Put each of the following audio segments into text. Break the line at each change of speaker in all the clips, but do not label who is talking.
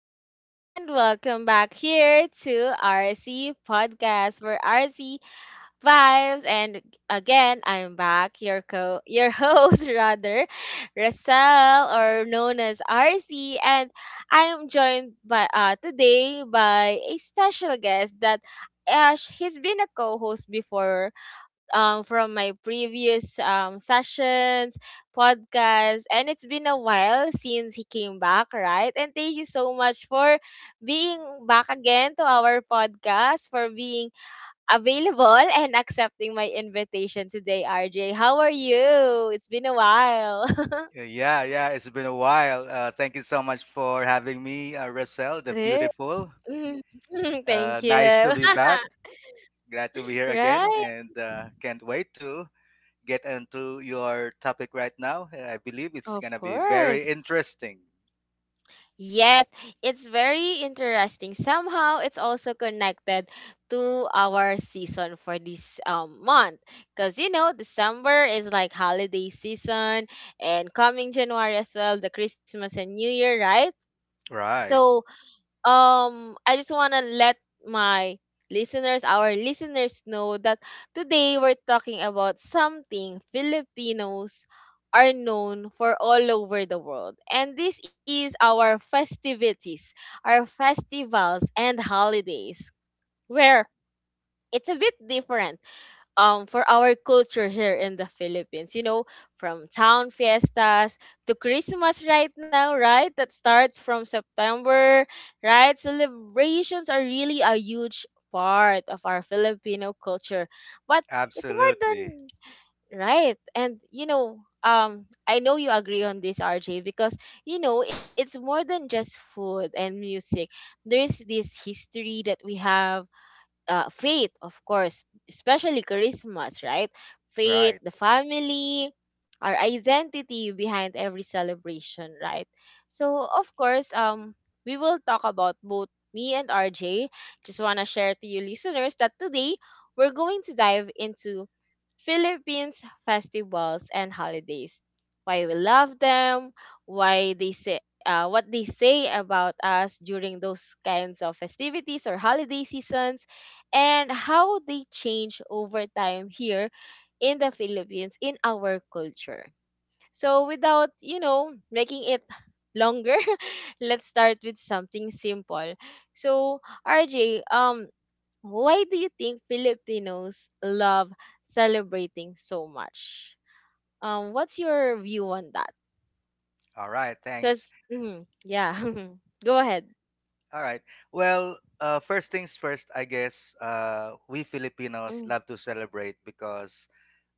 everyone, and welcome back here to RC Podcast for RC Vibes. And again, I'm back, your host rather, Russell, or known as RC, and I'm joined by today by a special guest that Ash. He's been a co-host before from my previous sessions, podcasts, and it's been a while since he came back, right? And thank you so much for being back again to our podcast, for being available and accepting my invitation today, RJ. How are you? It's been a while.
Yeah, yeah, it's been a while. Thank you so much for having me, Russell, the
True.
beautiful.
Thank
Nice
you.
to be back. Glad to be here again,
Right.
and can't wait to get into your topic right now. I believe it's
Of
gonna be very
course.
interesting.
Yes, it's very interesting. Somehow it's also connected to our season for this month because, you know, December is like holiday season, and coming January as well, the Christmas and New Year, right?
Right.
So I just want to let my listeners, our listeners, know that today we're talking about something Filipinos are known for all over the world. And this is our festivities, our festivals and holidays, where it's a bit different for our culture here in the Philippines. You know, from town fiestas to Christmas right now, right? That starts from September, right? Celebrations are really a huge part of our Filipino culture. But it's more
Absolutely.
than right. And you know, I know you agree on this, RJ, because you know, it's more than just food and music. There's this history that we have, faith, of course, especially Christmas, right? Faith,
Right.
the family, our identity behind every celebration, right? So, of course, we will talk about both me and RJ. Just want to share to you listeners that today we're going to dive into Philippines festivals and holidays. Why we love them, why they say what they say about us during those kinds of festivities or holiday seasons, and how they change over time here in the Philippines in our culture. So without, you know, making it longer, let's start with something simple. So, RJ, why do you think Filipinos love celebrating so much? What's your view on that?
All right. Thanks.
Yeah. Go ahead.
All right. Well, first things first, I guess we Filipinos
Mm.
love to celebrate because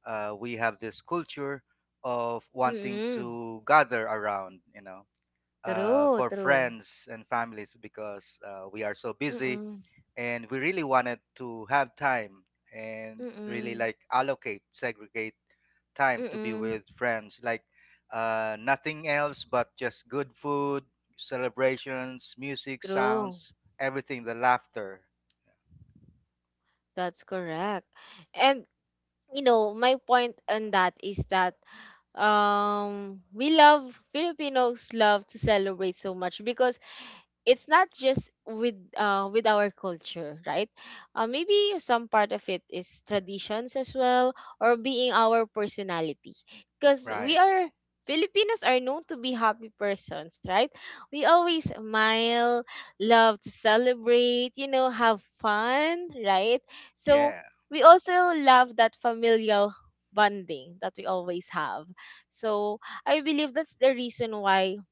we have this culture of wanting
Mm.
to gather around, you know,
True,
for
true.
friends and families because we are so busy
Mm.
and we really wanted to have time and really
Mm.
like allocate, segregate time to be
Mm.
with friends. Like nothing else but just good food, celebrations, music,
True.
sounds, everything, the laughter.
That's correct. And you know, my point on that is that we love, Filipinos love to celebrate so much because it's not just with our culture, right? Maybe some part of it is traditions as well, or being our personality, because
Right.
we are, Filipinos are known to be happy persons, right? We always smile, love to celebrate, you know, have fun, right? So
Yeah.
we also love that familial bonding that we always have. So I believe that's the reason why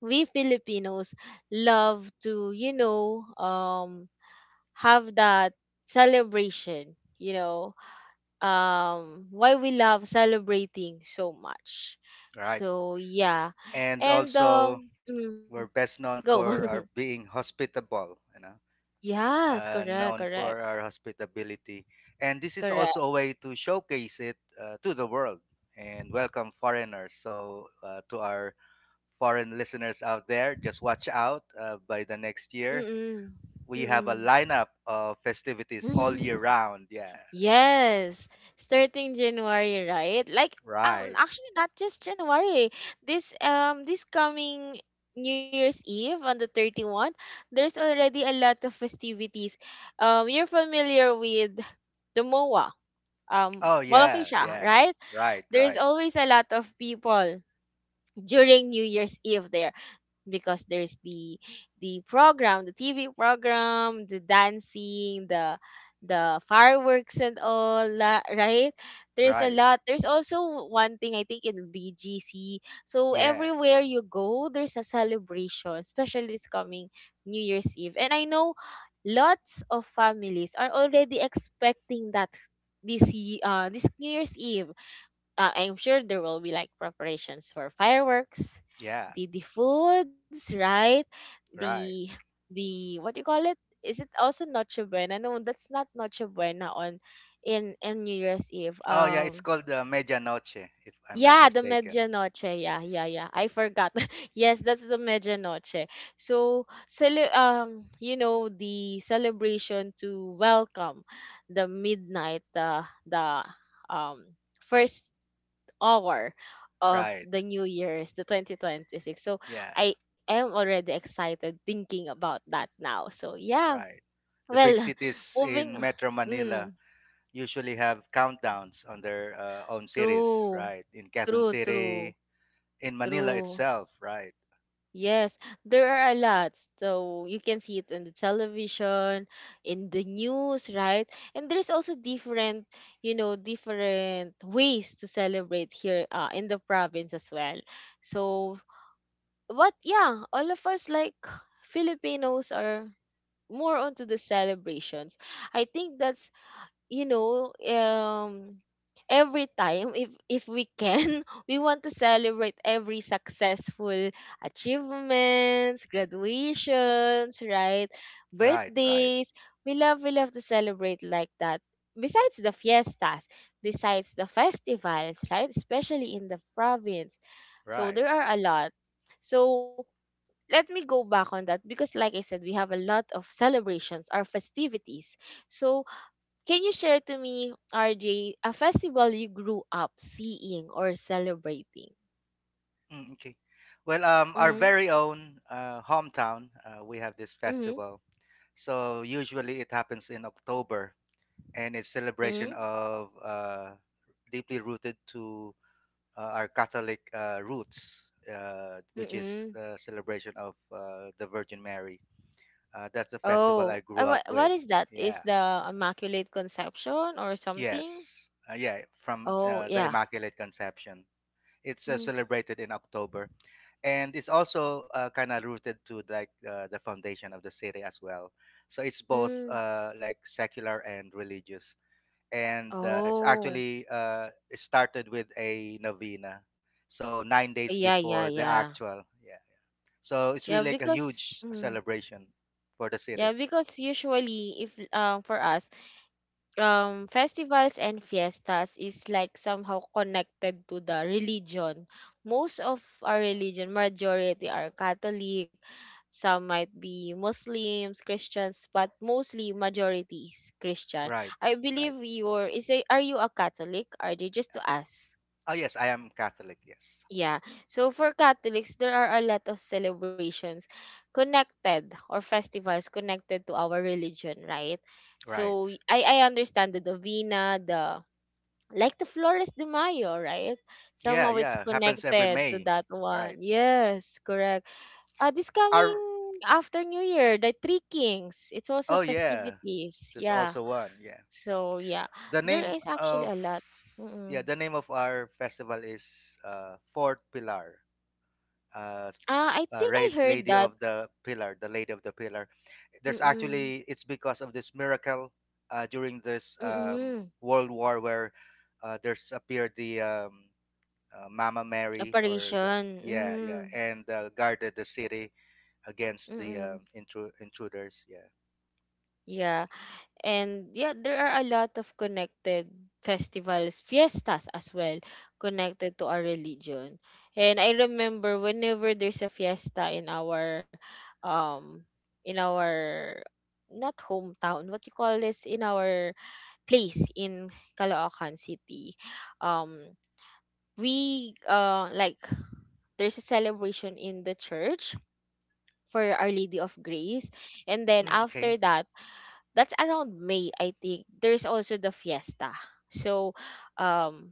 we Filipinos love to, you know, have that celebration, you know, why we love celebrating so much.
Right.
So, yeah.
And
And,
also,
um, mm,
we're best known
go.
for our being hospitable, you know,
Yes, correct,
known
correct,
for our hospitability. And this is also a
correct.
way to showcase it to the world and welcome foreigners. So, to our foreign listeners out there, just watch out by the next year.
Mm-mm,
We have a
mm-mm.
lineup of festivities all year round. Yeah,
Yes, starting January, right? Like,
right.
actually, not just January. This this coming New Year's Eve on the 31st, there's already a lot of festivities. You're familiar with the MOA,
Oh,
Mall of
yeah,
Asia,
yeah,
right?
right,
There's
right,
always a lot of people during New Year's Eve there because there's the program, the TV program, the dancing, the fireworks and right, there's a
right.
lot. There's also one thing, I think, in BGC. So
Yeah,
everywhere you go there's a celebration, especially this coming New Year's Eve. And I know lots of families are already expecting that this New Year's Eve, I'm sure there will be like preparations for fireworks,
yeah,
the foods, right? The
right.
the what do you call it? Is it also Noche Buena? No, that's not Noche Buena on in New Year's Eve.
Oh yeah, it's called the Medianoche, if I'm not
Yeah, the
mistaken.
medianoche. Yeah, yeah, yeah. I forgot. Yes, that's the medianoche. So, you know, the celebration to welcome the midnight, the um first hour of
Right.
the new year's, the 2026. So
Yeah,
I am already excited thinking about that now, so yeah.
right. The big
Well,
cities
moving
in
on.
Metro Manila
Mm,
usually have countdowns on their own cities,
true,
right? In Quezon
true, true,
City, in Manila
true.
itself, right?
Yes, there are a lot, so you can see it in the television, in the news, right? And there's also different, you know, different ways to celebrate here, in the province as well. So but yeah, all of us like Filipinos are more onto the celebrations. I think that's, you know, every time, if we can, we want to celebrate every successful achievements, graduations, right?
Right, right,
Birthdays. We love to celebrate like that, besides the fiestas, besides the festivals, right? Especially in the province. So
right.
there are a lot. So let me go back on that because, like I said, we have a lot of celebrations or festivities. So can you share to me, RJ, a festival you grew up seeing or celebrating?
Mm, okay. Well, our
Mm-hmm.
very own hometown, we have this
Mm-hmm.
festival. So usually it happens in October, and it's
Mm-hmm.
celebration of deeply rooted to our Catholic roots, which is
Mm-hmm.
the celebration of the Virgin Mary. That's the festival
Oh,
I grew up
what
with.
is that? Is
Yeah.
the Immaculate Conception or something?
Yes. Yeah. From
Oh,
the
yeah.
Immaculate Conception. It's
Mm,
celebrated in October, and it's also kind of rooted to like the foundation of the city as well. So it's both
mm.
like secular and religious. And it's
Oh,
actually it started with a novena, so 9 days
yeah, yeah,
before the
yeah.
actual. Yeah, so it's really
Yeah,
like a
because
huge
mm,
celebration for the
yeah,
city.
because usually, if for us, festivals and fiestas is like somehow connected to the religion. Most of our religion, majority are Catholic, some might be Muslims, Christians, but mostly majority is Christian.
Right,
I
right.
believe you're is a, are you a Catholic? Are they just to ask?
Oh yes, I am Catholic. Yes,
Yeah. So for Catholics, there are a lot of celebrations connected or festivals connected to our religion, right? So
right.
I understand the Davina, the like the Flores de Mayo, right?
Yeah,
Somehow it's
yeah, happens every
connected to
May,
that one.
right.
Yes, correct. This coming
Our—
after New Year, the Three Kings, it's also
oh yeah,
festivities.
there's
Yeah.
also one, yeah.
So, yeah,
The
there
name
is actually
of—
a lot.
yeah,
Mm-mm.
the name of our festival is fourth pilar. uh,
Ah, I think I heard
Lady
that.
of the Pillar, the Lady of the Pillar. There's
Mm-mm.
actually, it's because of this miracle during this
Mm-mm.
World War where there's appeared the Mama Mary or the—
Operation.
yeah,
Mm-mm.
yeah. And guarded the city against the
Mm-mm.
intruders. Yeah.
Yeah. And yeah, there are a lot of connected festivals, fiestas as well, connected to our religion. And I remember whenever there's a fiesta um in our not hometown, what you call this, in our place in Caloocan City. Um we like there's a celebration in the church for Our Lady of Grace. And then
Mm,
after
okay.
that, that's around May, I think, there's also the fiesta. So, um,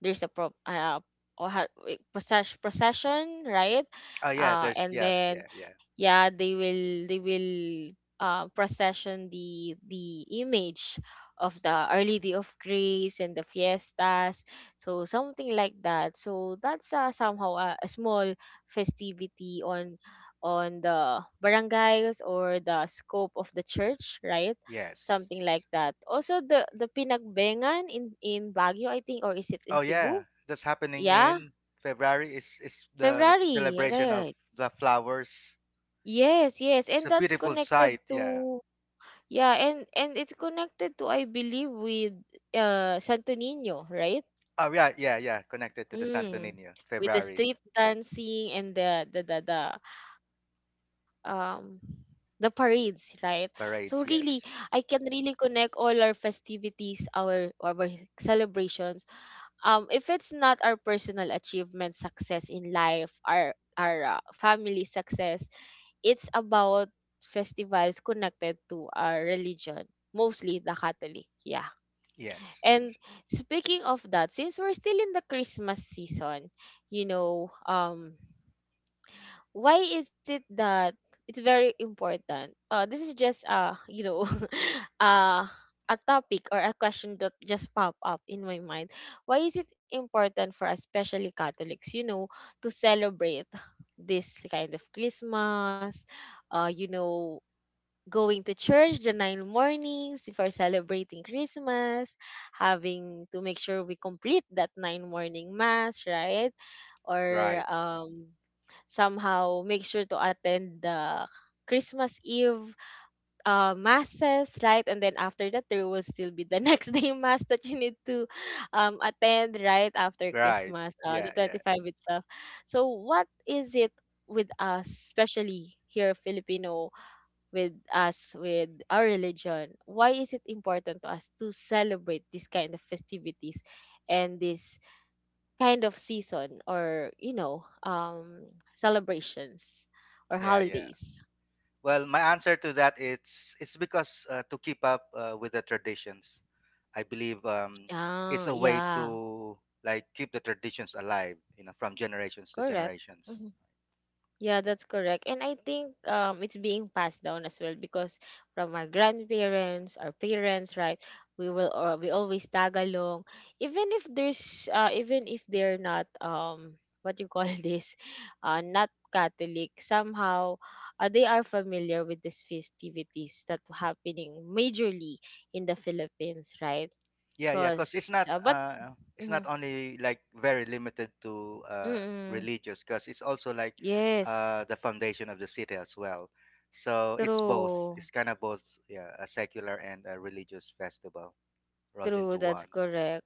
there's a pro or ha- wait, process- procession, right?
Oh yeah. There's—
And
yeah,
then
yeah, yeah.
yeah, they will procession the image of the Our Lady of Grace and the fiestas, so something like that. So that's somehow a small festivity on the barangays or the scope of the church, right?
Yes,
Something like
yes.
that. Also the Pinagbengan in Baguio, I think, or is it in
Oh yeah.
Cebu?
That's happening
Yeah,
in February. It's the
February,
celebration of
right?
the flowers.
Yes, yes,
It's
and
a
that's
beautiful
connected
sight. Yeah.
to, yeah, and it's connected to, I believe, with Santo Niño, right?
Oh yeah, yeah, yeah. Connected to the Santo
Mm.
Niño
With the
February
street dancing and um the parades, right? So really,
parades.
I can
Yes,
really connect all our festivities, our celebrations, if it's not our personal achievement, success in life, our family success. It's about festivals connected to our religion, mostly the Catholic. Yeah.
yes,
And
yes.
speaking of that, since we're still in the Christmas season, you know, why is it that it's very important? This is just you know, uh, a topic or a question that just pop up in my mind. Why is it important for us, especially Catholics, you know, to celebrate this kind of Christmas? You know, going to church the nine mornings before celebrating Christmas, having to make sure we complete that nine morning mass, right? or
Right,
um somehow make sure to attend the Christmas Eve masses, right? And then after that, there will still be the next day mass that you need to attend, right? After
right.
Christmas, the
Yeah, yeah,
25th itself. So, what is it with us, especially here Filipino, with us, with our religion? Why is it important to us to celebrate this kind of festivities and this kind of season, or, you know, celebrations or
yeah, yeah.
holidays?
Well, my answer to that, it's because to keep up with the traditions, I believe it's
Ah,
a way
yeah,
to like keep the traditions alive, you know, from generations to
correct.
generations.
Yeah, that's correct. And I think, it's being passed down as well because from our grandparents, our parents, right? We will, we always tag along, even if there's even if they're not what you call this, not Catholic. Somehow, they are familiar with these festivities that happening majorly in the Philippines, right?
Yeah, yeah, because it's
Because
not
but
uh it's
mm,
not
mm,
only like very limited to
mm,
religious, because it's also like
yes,
the foundation of the city as well. So it's both.
true,
It's kind of both, yeah, a secular and a religious festival rolled
true.
into
That's
one.
correct.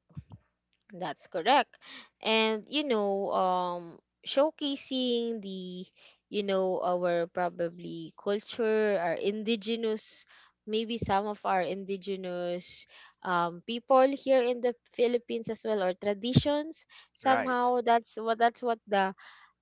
That's correct. And you know, showcasing the, you know, our probably culture, our indigenous, maybe some of our indigenous people here in the Philippines as well, or traditions.
Right.
Somehow that's what the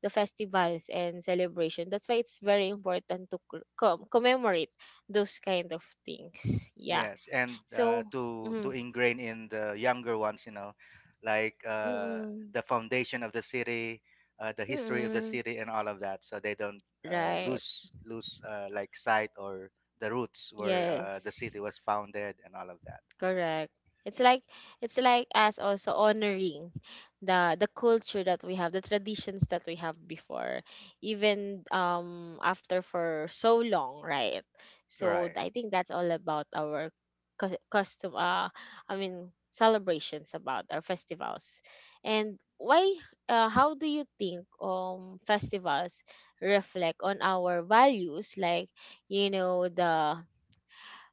the festivals and celebration, that's why it's very important to commemorate those kind of things. Yeah.
Yes, and
So
to
mm,
ingrain in the younger ones, you know, like
mm, mm,
the foundation of the city, the history of the
mm,
city, and all of that, so they don't
right.
lose lose like sight or the roots where the
Yes,
city was founded and all of that.
correct. It's like, it's like us also honoring the culture that we have, the traditions that we have before, even after for so long, right? So
Right.
I think that's all about our custom. I mean celebrations about our festivals, and why? How do you think festivals reflect on our values? Like you know the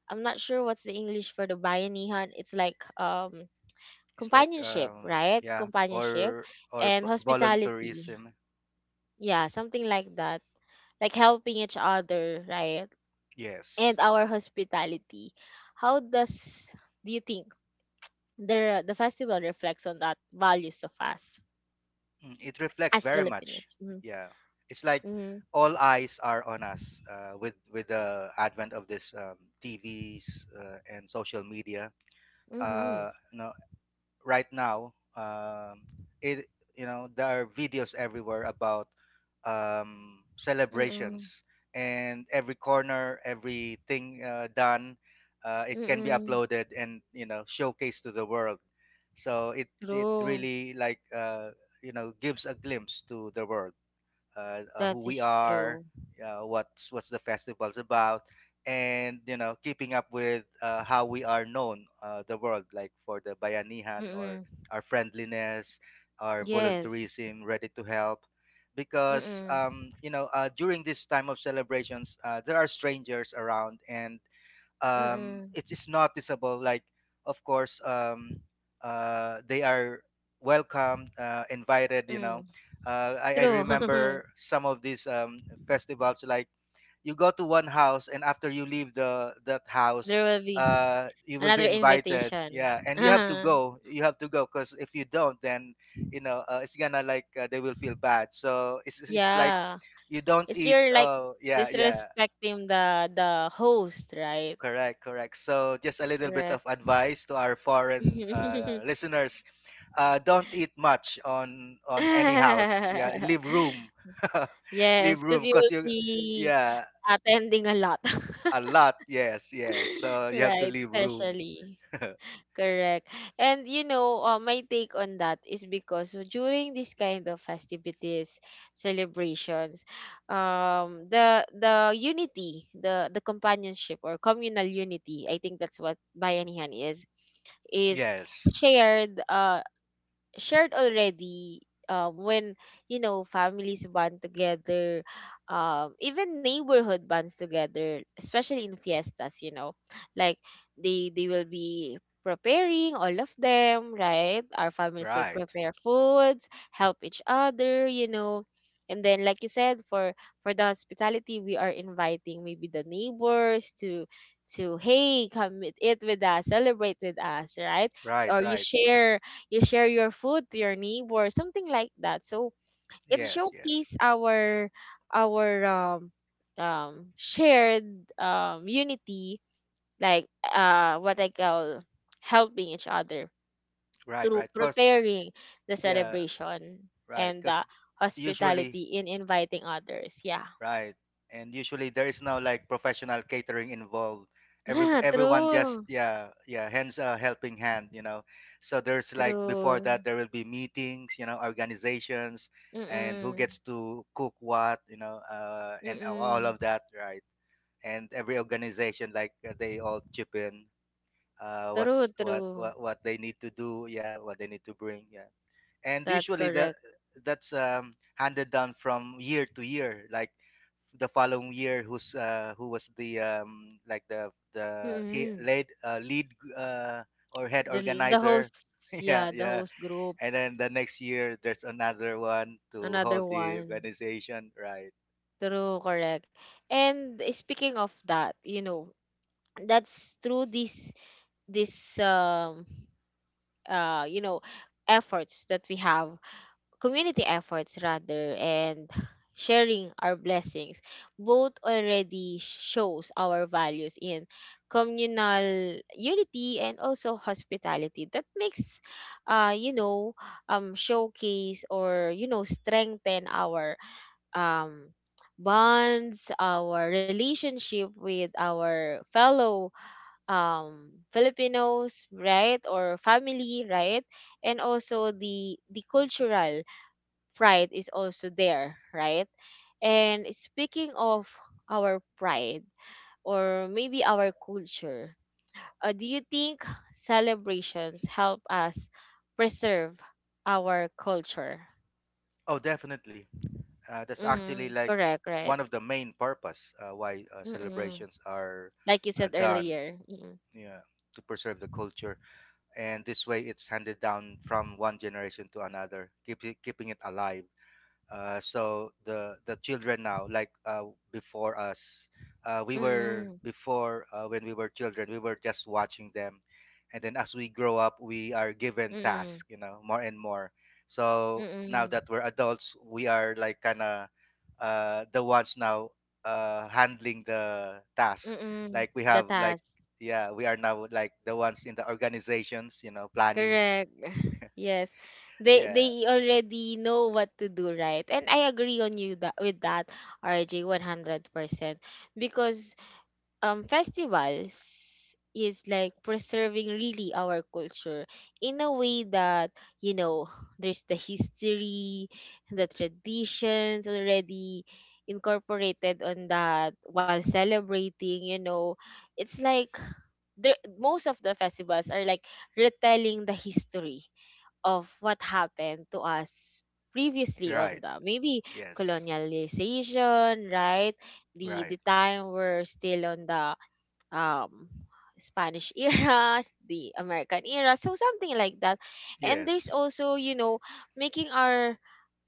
I'm not sure what's the English for the bayanihan. It's like
It's like
companionship, right?
yeah,
Companionship
or
and hospitality.
volunteerism.
Yeah, something like that. Like helping each other, right?
Yes.
And our hospitality. How does do you think the festival reflects on that values of us
Mm, it reflects
as
very much.
Filipinos?
Yeah, it's like
Mm-hmm.
all eyes are on us with the advent of this TVs and social media.
Mm-hmm. Mm-hmm.
No Right now it, you know, there are videos everywhere about
Mm-hmm.
celebrations and every corner, everything done. It can be
Mm-hmm.
uploaded and, you know, showcased to the world. So it
True.
really like you know, gives a glimpse to the world,
That
who we
is
are,
true.
what's the festival's about, and you know, keeping up with how we are known the world, like for the bayanihan or
Mm-hmm.
our friendliness, our
Yes.
volunteerism, ready to help. Because
Mm-mm.
you know, during this time of celebrations, there are strangers around and
Mm-mm.
it is noticeable. Like, of course, they are welcomed, invited. You know,
Mm.
I
True.
remember some of these festivals. Like, you go to one house, and after you leave the that house,
There will be
you will be
another
invited.
invitation.
Yeah, and you have to go. You have to go because if you don't, then you know it's gonna like they will feel bad. So it's like
Yeah.
you don't
It's
eat.
you're like
Yeah, yeah.
disrespecting the host, right?
Correct, correct. So, just a little bit
Correct.
of advice to our foreign listeners: don't eat much on any house. Yeah, leave room, leave
Yes, because
room,
you
because
will
you,
be
yeah,
attending a lot,
a lot. Yes, yes. So you have to
right?
leave room.
Especially. Correct. And my take on that is because during this kind of festivities, celebrations, the unity, the companionship or communal unity, I think that's what bayanihan is
Yes,
shared. Shared already when you know families band together, even neighborhood bands together, especially in fiestas, you know, like they will be preparing all of them, right? Our families will
right,
prepare foods, help each other, you know, and then like you said, for the hospitality, we are inviting maybe the neighbors to hey come eat with us, celebrate with us, right?
right,
Or you
right.
share, you share your food to your neighbor, something like that. So it
Yes, yes,
showcase our our shared unity, like what I call helping each other
right,
through
right. Because
preparing the
yeah,
celebration
right.
and
Because
the
usually—
hospitality in inviting others. Yeah.
right. And usually there is no like professional catering involved. Every
Yeah,
everyone just
true,
yeah, yeah, hands a helping hand, you know. So there's like before
true,
that there will be meetings, you know, organizations, and who
mm,
gets to cook what, you know,
mm,
and
mm,
all of that, right? And every organization like they all chip in,
true,
what's
true,
what they need to do, yeah, what they need to bring, yeah. And
that's
usually that
correct,
that's handed down from year to year, like the following year who's who was the like
mm,
the he
mm.
lead lead uh, or head
The
organizer.
hosts,
Yeah,
yeah, the
yeah.
host group,
And then the next year there's another one to hold
another
the
one.
organization, right.
True, correct. And speaking of that, you know, that's through this uh you know efforts that we have, community efforts rather, and sharing our blessings both already shows our values in communal unity and also hospitality, that makes uh you know showcase, or you know, strengthen our um bonds, our relationship with our fellow Filipinos, right, or family, right? And also the cultural pride is also there, right? And speaking of our pride or maybe our culture, do you think celebrations help us preserve our culture?
Oh definitely. That's actually
Mm-hmm.
like
Correct, right?
one of the main purpose why
Mm-mm.
celebrations are
Like you said
done.
earlier. Mm-mm.
Yeah, to preserve the culture, and this way it's handed down from one generation to another, keep it, keeping it alive. So the children now like before us, we were before when we were children we were just watching them, and then as we grow up we are given
Mm-mm.
tasks,
Mm-mm.
you know, more and more. So now
Mm-mm.
that we're adults we are like kind of the ones now handling the task,
Mm-mm.
like we
The
have like—
task.
yeah, we are now like the ones in the organizations, you know, planning.
Correct. Yes.
Yeah,
They already know what to do, right? And I agree on you that with that, RJ, 100%. Because festivals is like preserving really our culture in a way that, you know, there's the history, the traditions already incorporated on that while celebrating, you know. It's like the most of the festivals are like retelling the history of what happened to us previously on
right.
the maybe
Yes,
colonialization, right? the
right.
the time we're still on the um Spanish era, the American era, so something like that. And there's
Yes.
also, you know, making our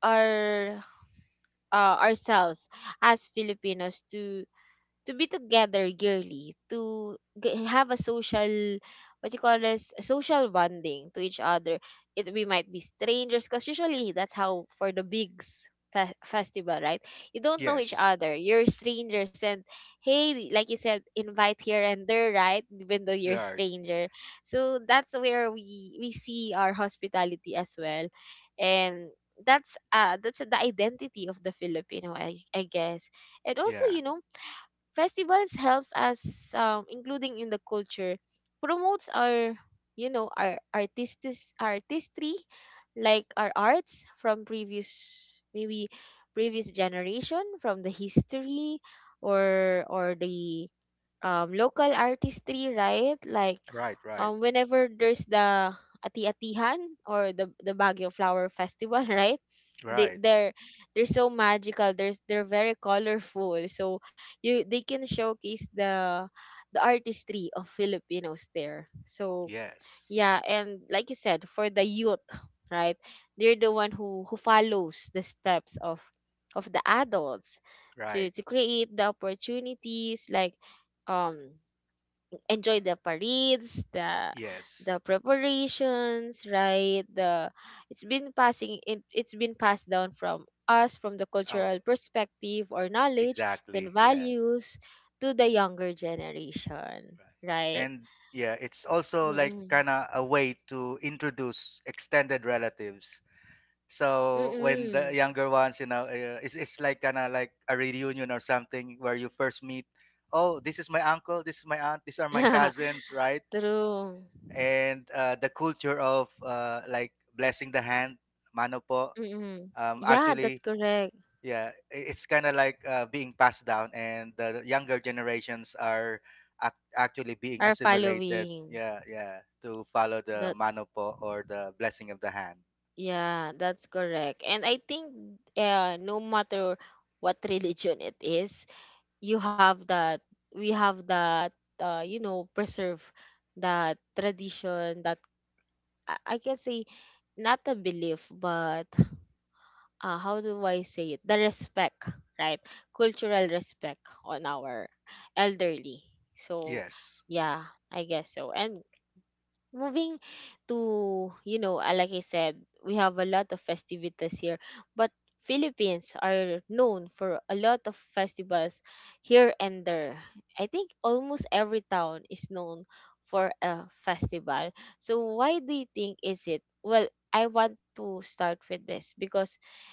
our ourselves as Filipinos to be together girly. To have a social, what you call this, a social bonding to each other. It we might be strangers, because usually that's how for the bigs festival, right? You don't know each
Yes,
other, you're strangers, and hey, like you said, invite here and there, right, even though
you
you're
are.
stranger. So that's where we see our hospitality as well. And that's the identity of the Filipino, I guess. And also,
Yeah.
you know, festivals helps us including in the culture, promotes our, you know, our artistis artistry, like our arts from previous, maybe, previous generation from the history, or the local artistry, right? Like
Right, right,
whenever there's the ati-atihan or the Baguio Flower Festival, right? They
right.
they're so magical. There's they're very colorful. So you they can showcase the artistry of Filipinos there. So
Yes,
yeah, and like you said, for the youth, right, they're the one who follows the steps of the adults
right.
to create the opportunities, like um enjoy the parades,
Yes.
the preparations, right, the it's been passing it, it's been passed down from us from the
Oh,
cultural perspective or knowledge, then
exactly. Yeah.
values to the younger generation,
Right.
right?
And yeah, it's also like
Mm-mm.
kind of a way to introduce extended relatives. So when the
Mm-mm.
younger ones, you know, it's like kind of like a reunion or something where you first meet, oh, this is my uncle, this is my aunt, these are my cousins, right?
True.
And the culture of like blessing the hand, mano po,
Mm. Yeah, that's
actually
correct.
yeah, it's kind of like being passed down, and the younger generations are actually being
Are
assimilated,
following
yeah, yeah, to follow the
that.
manopo or the blessing of the hand.
Yeah, that's correct. And I think no matter what religion it is, you have that. We have that. You know, preserve that tradition. That I can say not a belief, but how do I say it? The respect, right? Cultural respect on our elderly. So
Yes,
yeah, I guess so. And moving to, you know, like I said, we have a lot of festivities here, but Philippines are known for a lot of festivals here and there. I think almost every town is known for a festival. So why do you think is it? Well, I want to start with this because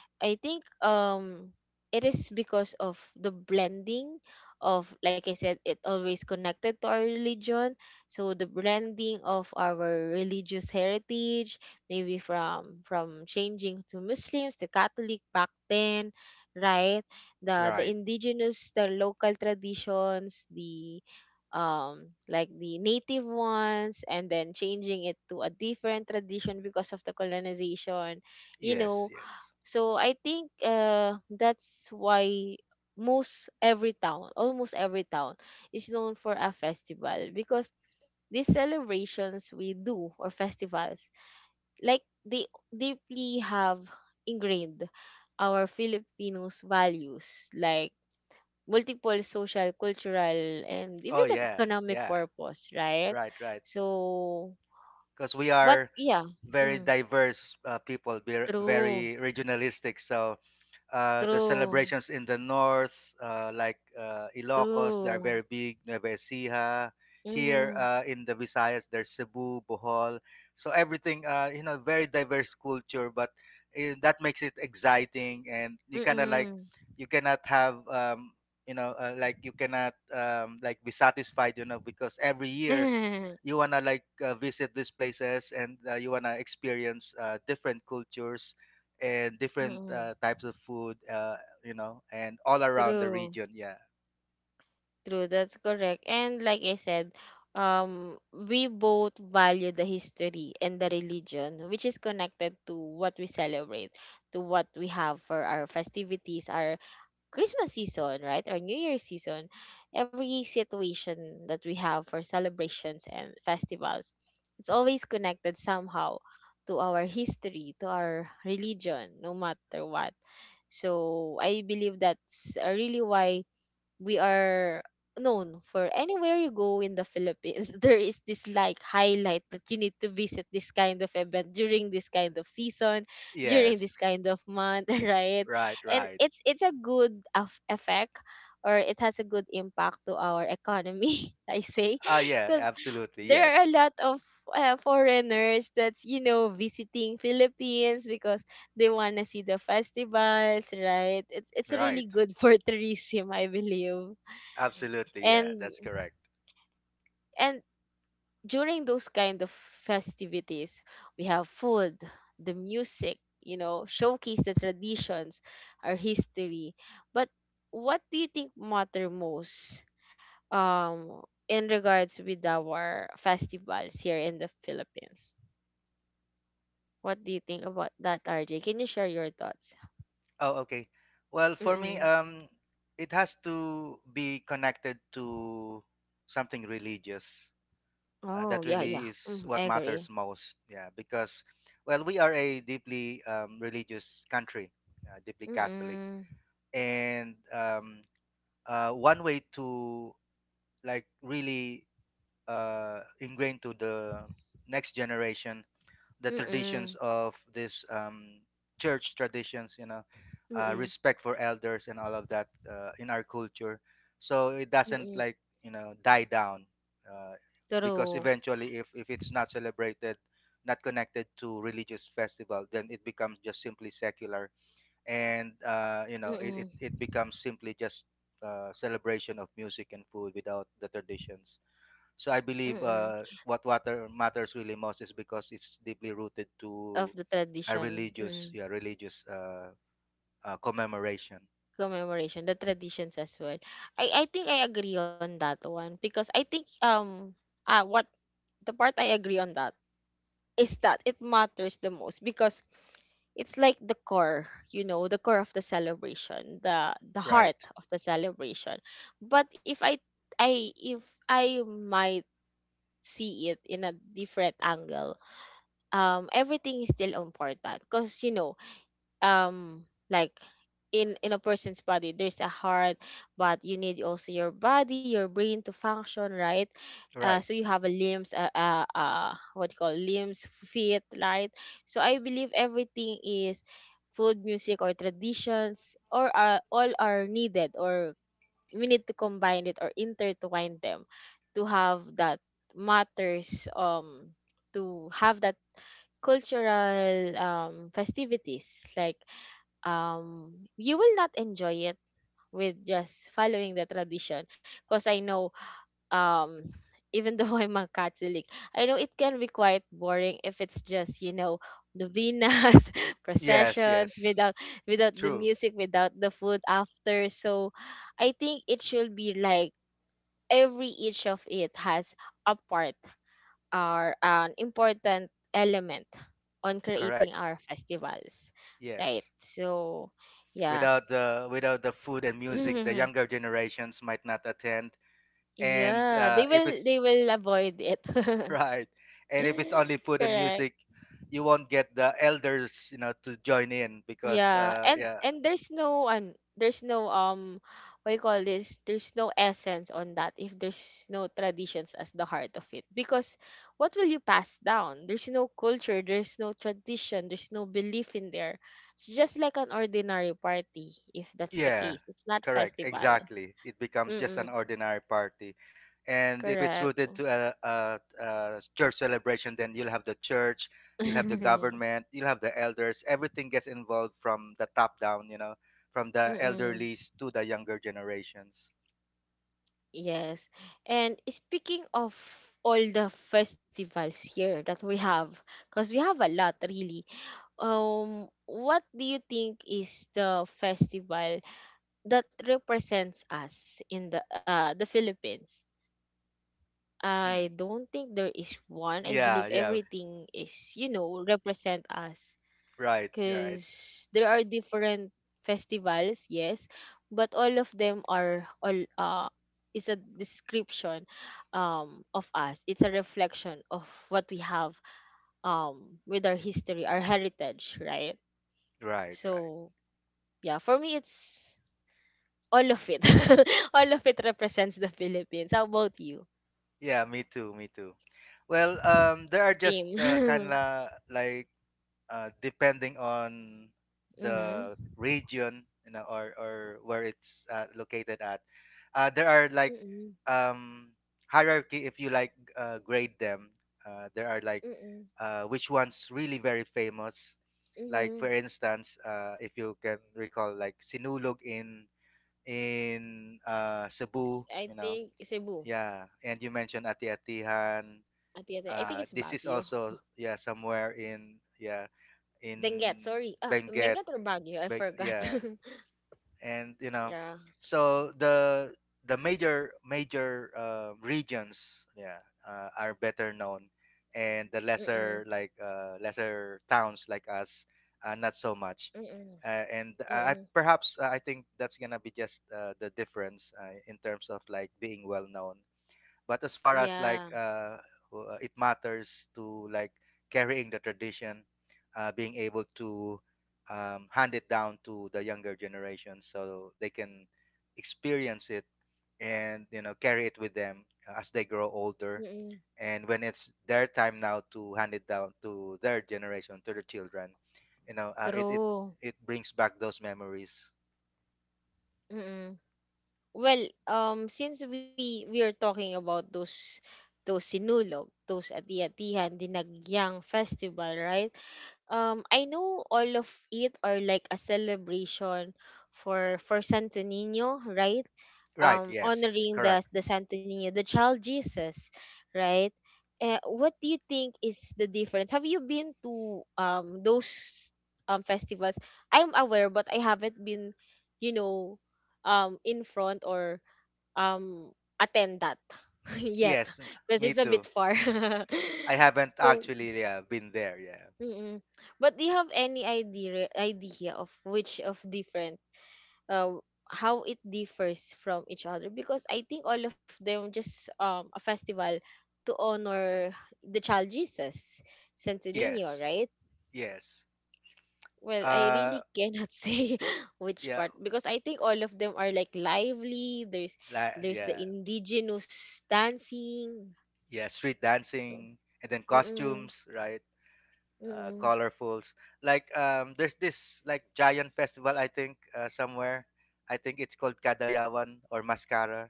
I think it is because of the blending of, like I said, it always connected to our religion. So the blending of our religious heritage, maybe from changing to Muslims to Catholic back then, right, the
right.
indigenous, the local traditions, the like the native ones, and then changing it to a different tradition because of the colonization, you
Yes,
know.
yes.
So I think that's why most every town, almost every town, is known for a festival, because these celebrations we do, or festivals, like they deeply have ingrained our Filipinos values, like multiple social, cultural, and
Oh
even the
yeah,
economic
yeah.
purpose, right?
Right, right.
So,
Because we
but
are
yeah,
very
mm,
diverse people, we're
true,
very regionalistic. So the
true,
celebrations in the north, like Ilocos, they're
true.
very big, Nueva Ecija. Here
Mm-hmm.
in the Visayas, there's Cebu, Bohol. So everything, you know, very diverse culture, but eh, that makes it exciting. And you kind of like,
Mm.
you cannot have, you know, like you cannot like be satisfied, you know, because every year
Mm.
you wanna like visit these places and you wanna experience different cultures and different types of food, you know, and all around the
True.
region. Yeah,
True. That's correct. And like I said, we both value the history and the religion, which is connected to what we celebrate, to what we have for our festivities, our Christmas season, right? Our New Year's season, every situation that we have for celebrations and festivals, it's always connected somehow to our history, to our religion, no matter what. So I believe that's really why we are known for anywhere you go in the Philippines. There is this like highlight that you need to visit this kind of event during this kind of season, during this
yes,
kind of month, right?
right,
And
right.
it's a good of effect, or it has a good impact to our economy, I say,
Ah yeah,
because
absolutely,
there are
yes,
a lot of foreigners that's, you know, visiting Philippines because they want to see the festivals, right? It's really
right,
good for tourism, I believe.
absolutely,
And
yeah, that's correct.
and during those kind of festivities, we have food, the music, you know, showcase the traditions, our history. But what do you think matter most um in regards with our festivals here in the Philippines? What do you think about that, RJ? Can you share your thoughts?
Oh okay. Well for me
Mm-mm.
it has to be connected to something religious.
Oh,
That
yeah, yeah.
really is
Mm, I
what matters
agree.
most, yeah, because well, we are a deeply religious country, deeply Catholic.
Mm-mm.
And one way to like really ingrain to the next generation the
Mm-mm.
traditions of this church traditions, you know,
Mm-mm.
respect for elders and all of that in our culture. So it doesn't
Mm-mm.
like, you know, die down, uh, because
True.
eventually, if it's not celebrated, not connected to religious festival, then it becomes just simply secular, and you know, it,
Mm-mm.
it it becomes simply just celebration of music and food without the traditions. So I believe
Mm-mm.
what water matters really most is because it's deeply rooted
Of the
to a
tradition.
religious,
Mm.
yeah, religious commemoration.
Commemoration. The traditions as well. I think I agree on that one because I think what the part I agree on that is that it matters the most because it's like the core, you know, the core of the celebration, the heart
Right,
of the celebration. But if I might see it in a different angle, everything is still important because, you know, um like in a person's body there's a heart, but you need also your body, your brain to function, right?
right.
So you have a limbs, what do you call, limbs, feet, right? So I believe everything is food, music, or traditions, or all are needed, or we need to combine it or intertwine them to have that matters, to have that cultural, festivities like, you will not enjoy it with just following the tradition. Because I know, um, even though I'm a Catholic, I know it can be quite boring if it's just, you know, novenas,
Yes,
processions
yes.
without without the
True.
music, without the food after. So I think it should be like every each of it has a part or an important element on
Correct.
creating our festivals.
Yes.
Right. So yeah,
Without the food and music, the younger generations might not attend. And
yeah,
if it's
they will avoid it.
right, and if it's only food and
Correct.
music, you won't get the elders, you know, to join in because
Yeah.
yeah,
And there's no an there's no what you call this? There's no essence on that if there's no traditions as the heart of it. Because what will you pass down? There's no culture, there's no tradition, there's no belief in there. It's just like an ordinary party if that's the
yeah,
case. It's not
correct.
festival.
Exactly. It becomes just an
Mm-mm.
ordinary party. And if it's
Correct.
rooted to a church celebration, then you'll have the church, you'll have the government, you'll have the elders. Everything gets involved from the top down, you know, from the
Mm-mm.
elderlies to the younger generations.
Yes. And speaking of all the festivals here that we have, because we have a lot really, what do you think is the festival that represents us in the Philippines?
Hmm.
I don't think there is one. I
Yeah,
believe
yeah.
everything is, represent us
Right, right,
because there are different festivals, yes, but all of them are all is a description, of us. It's a reflection of what we have, with our history, our heritage, right?
right, right.
So yeah, for me it's all of it. All of it represents the Philippines. How about you?
Yeah, me too. Well, there are just
Same.
kind of like depending on the
Mm-hmm.
region, you know, or where it's located at. There are like
Mm-mm.
um hierarchy, if you like, grade them. There are like
Mm-mm.
which one's really very famous, like for
Mm-hmm.
instance, if you can recall, like Sinulog in Cebu,
I
you know,
think Cebu.
yeah. And you mentioned Ati-Atihan.
Ati, ati. I think it's
This is
Baguio.
also, yeah, somewhere in, yeah,
Benguet,
in
sorry. Ah,
Benguet.
Benguet or Baguio? I forgot.
Yeah, and you know,
Yeah.
so the the major regions, yeah, are better known, and the
Mm-mm.
lesser, like lesser towns like us, not so much.
Mm-mm.
And I
Mm-mm.
perhaps, I think that's gonna be just the difference in terms of like being well known, but as far as like
Yeah.
it matters to like carrying the tradition, being able to hand it down to the younger generation so they can experience it and, you know, carry it with them as they grow older.
Mm-mm.
And when it's their time now to hand it down to their generation, to their children, you know,
True.
it brings back those memories.
Mm-mm. Well, since we are talking about those sinulog, those ati-atihan, dinagyang festival, right? I know all of it are like a celebration for Santo Nino, right?
Right? Yes.
Honoring the
Correct.
the Santo Nino, the child Jesus, right? What do you think is the difference? Have you been to those festivals? I'm aware, but I haven't been, you know, in front or um attend that yet
Yes.
because
Me
it's a bit
too.
far.
I haven't
So
actually, yeah, been there. Yeah.
mm-mm. But do you have any idea of which of different uh how it differs from each other? Because I think all of them just a festival to honor the child Jesus, Santo Niño,
Yes.
right?
Yes.
Well, I
Uh
really cannot say which
yeah,
part because I think all of them are like lively. There's the
yeah.
indigenous dancing.
Yeah, street
So,
dancing and then
mm-mm,
costumes, right?
mm-mm.
Colorfuls. Like there's this like giant festival, I think, somewhere. I think it's called Kadayawan or Mascara.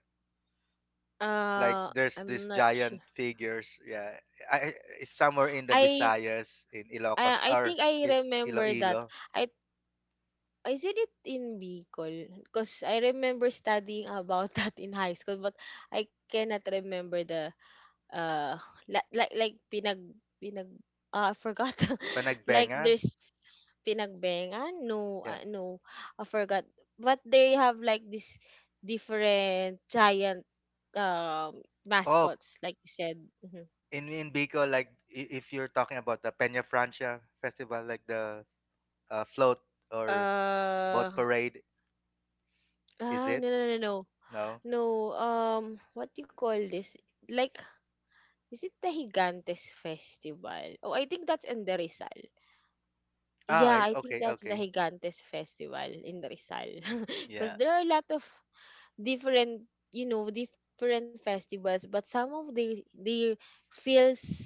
Uh,
Like there's
I'm
this
not sure.
giant figures, yeah. It's somewhere in the
I
Visayas, in Ilocos
I
or
think I
I-
remember that.
Iloilo,
I said it in Bicol because I remember studying about that in high school, but I cannot remember the uh like pinag I forgot. Like
Panagbenga.
there's pinagbengan, no,
Yeah.
no, I forgot, but they have like this different giant
Oh,
mascots like you said. Mhm.
in Bicol, like if you're talking about the Peña Francia festival, like the float or boat
uh
parade, is
ah,
it?
no.
No.
No, what do you call this? Like, is it the Higantes Festival? Oh, I think that's in the Rizal.
Ah,
Yeah,
I,
I
okay,
think that's the
okay.
Higantes Festival in the Rizal.
Yeah.
Because there are a lot of different, you know, different festivals, but some of the they feels,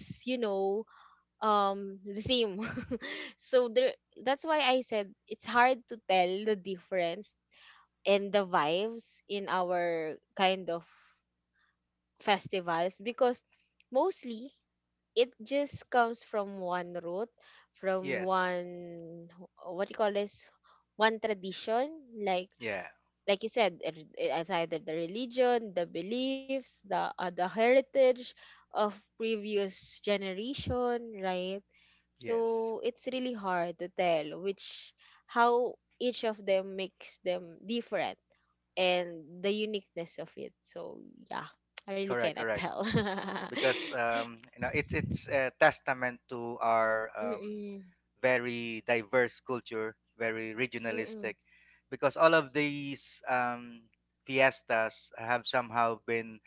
you know, the same. So there, that's why I said it's hard to tell the difference and the vibes in our kind of festivals because mostly it just comes from one root, from
Yes.
one what do you call this? One tradition, like
Yeah.
like you said, it's either the religion, the beliefs, the heritage of previous generation, right? So
Yes.
it's really hard to tell which how each of them makes them different and the uniqueness of it. So yeah, I really
Correct.
cannot
Correct.
tell.
Because you know, it's a testament to our
Mm-mm.
very diverse culture, very regionalistic,
Mm-mm.
because all of these fiestas have somehow been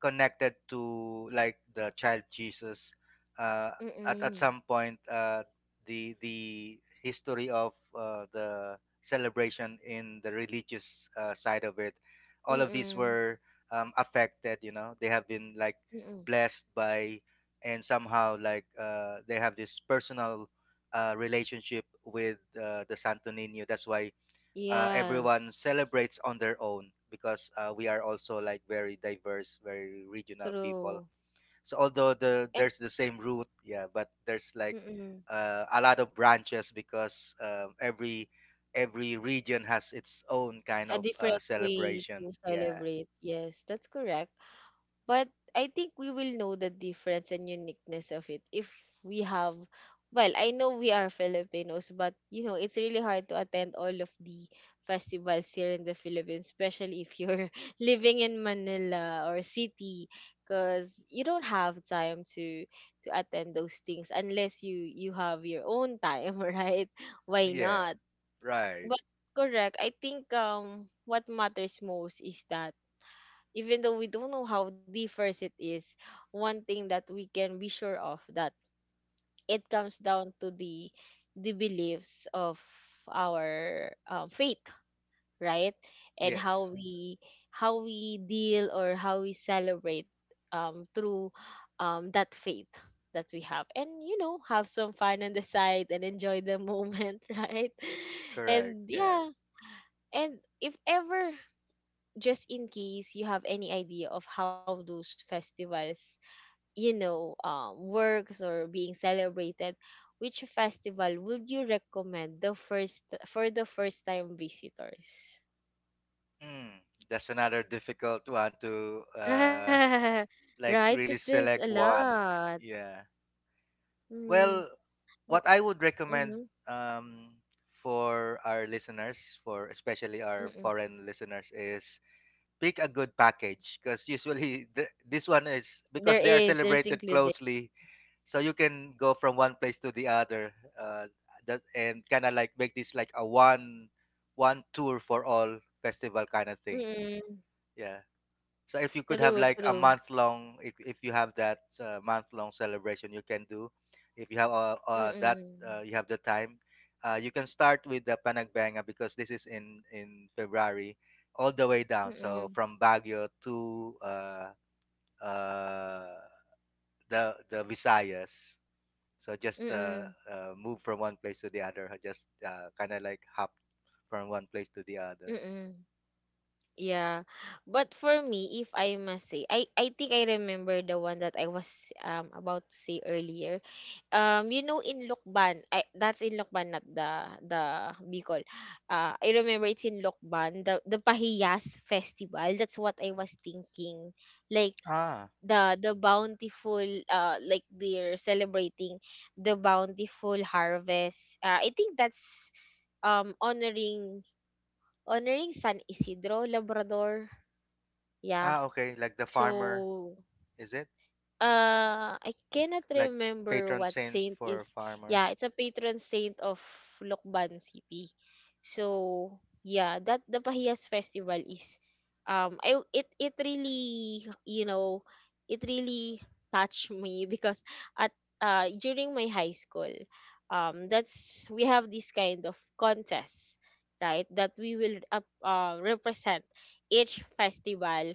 connected to like the child Jesus. Uh, at at
Mm-mm.
some point, the history of the celebration, in the religious side of it, all of these
Mm-mm.
were affected. You know, they have been like
Mm-mm.
blessed by, and somehow like they have this personal relationship with the santo nino. That's why
Yes.
everyone celebrates on their own, because we are also like very diverse, very regional people.
True.
So although the
And
there's the same root, yeah, but there's like
mm-mm.
a lot of branches, because every every region has its own kind of
A different way
celebration,
to
yeah,
celebrate. Yes, that's correct. But I think we will know the difference and uniqueness of it if we have, well, I know we are Filipinos, but you know, it's really hard to attend all of the festivals here in the Philippines, especially if you're living in Manila or city because you don't have time to attend those things unless you have your own time, right? Why
yeah,
not?
right,
But correct, I think what matters most is that even though we don't know how diverse it is, one thing that we can be sure of that it comes down to the beliefs of our faith, right? And
yes,
how we deal or how we celebrate through that faith that we have, and you know, have some fun on the side and enjoy the moment. Right?
correct,
And yes.
yeah.
Yeah. And if ever, just in case you have any idea of how those festivals, you know, works or being celebrated, which festival would you recommend the first for the first time visitors?
Mm, that's another difficult one to like
Right?
really
Because there's a
select one.
lot.
Yeah.
Mm,
Well, what I would recommend,
mm-hmm,
um, for our listeners, for especially our
mm-mm.
foreign listeners, is pick a good package, because usually this one is
There
because they are
is, there's
celebrated
included.
closely, so you can go from one place to the other, uh, that, and kind of like make this like a one tour for all festival kind of thing.
Mm-mm.
Yeah. So if you could have
True,
like a
true.
month long, if you have that month long celebration, you can do. If you have that,
Mm-mm.
you have the time. You can start with the Panagbanga, because this is in February, all the way down. So
Mm-mm.
from Baguio to uh, uh, the Visayas. So just
Mm-mm.
move from one place to the other, or just kind of like hop from one place to the other.
Mm-mm. Yeah. But for me, if I must say, I think I remember the one that I was about to say earlier. You know, in Lokban, I that's in Lokban, not the the Bicol. I remember it's in Lokban, the Pahiyas festival. That's what I was thinking. Like
Ah,
the bountiful like they're celebrating the bountiful harvest. I think that's honoring honoring San Isidro Labrador, yeah.
ah, okay. Like the farmer,
So
is it?
I cannot
Like
remember
patron
what
saint
saint
for
is.
farmer.
Yeah, it's a patron saint of Lokban City. So yeah, that the Pahiyas festival is I it really, you know, it really touched me because at during my high school, that's we have this kind of contest, right, that we will represent each festival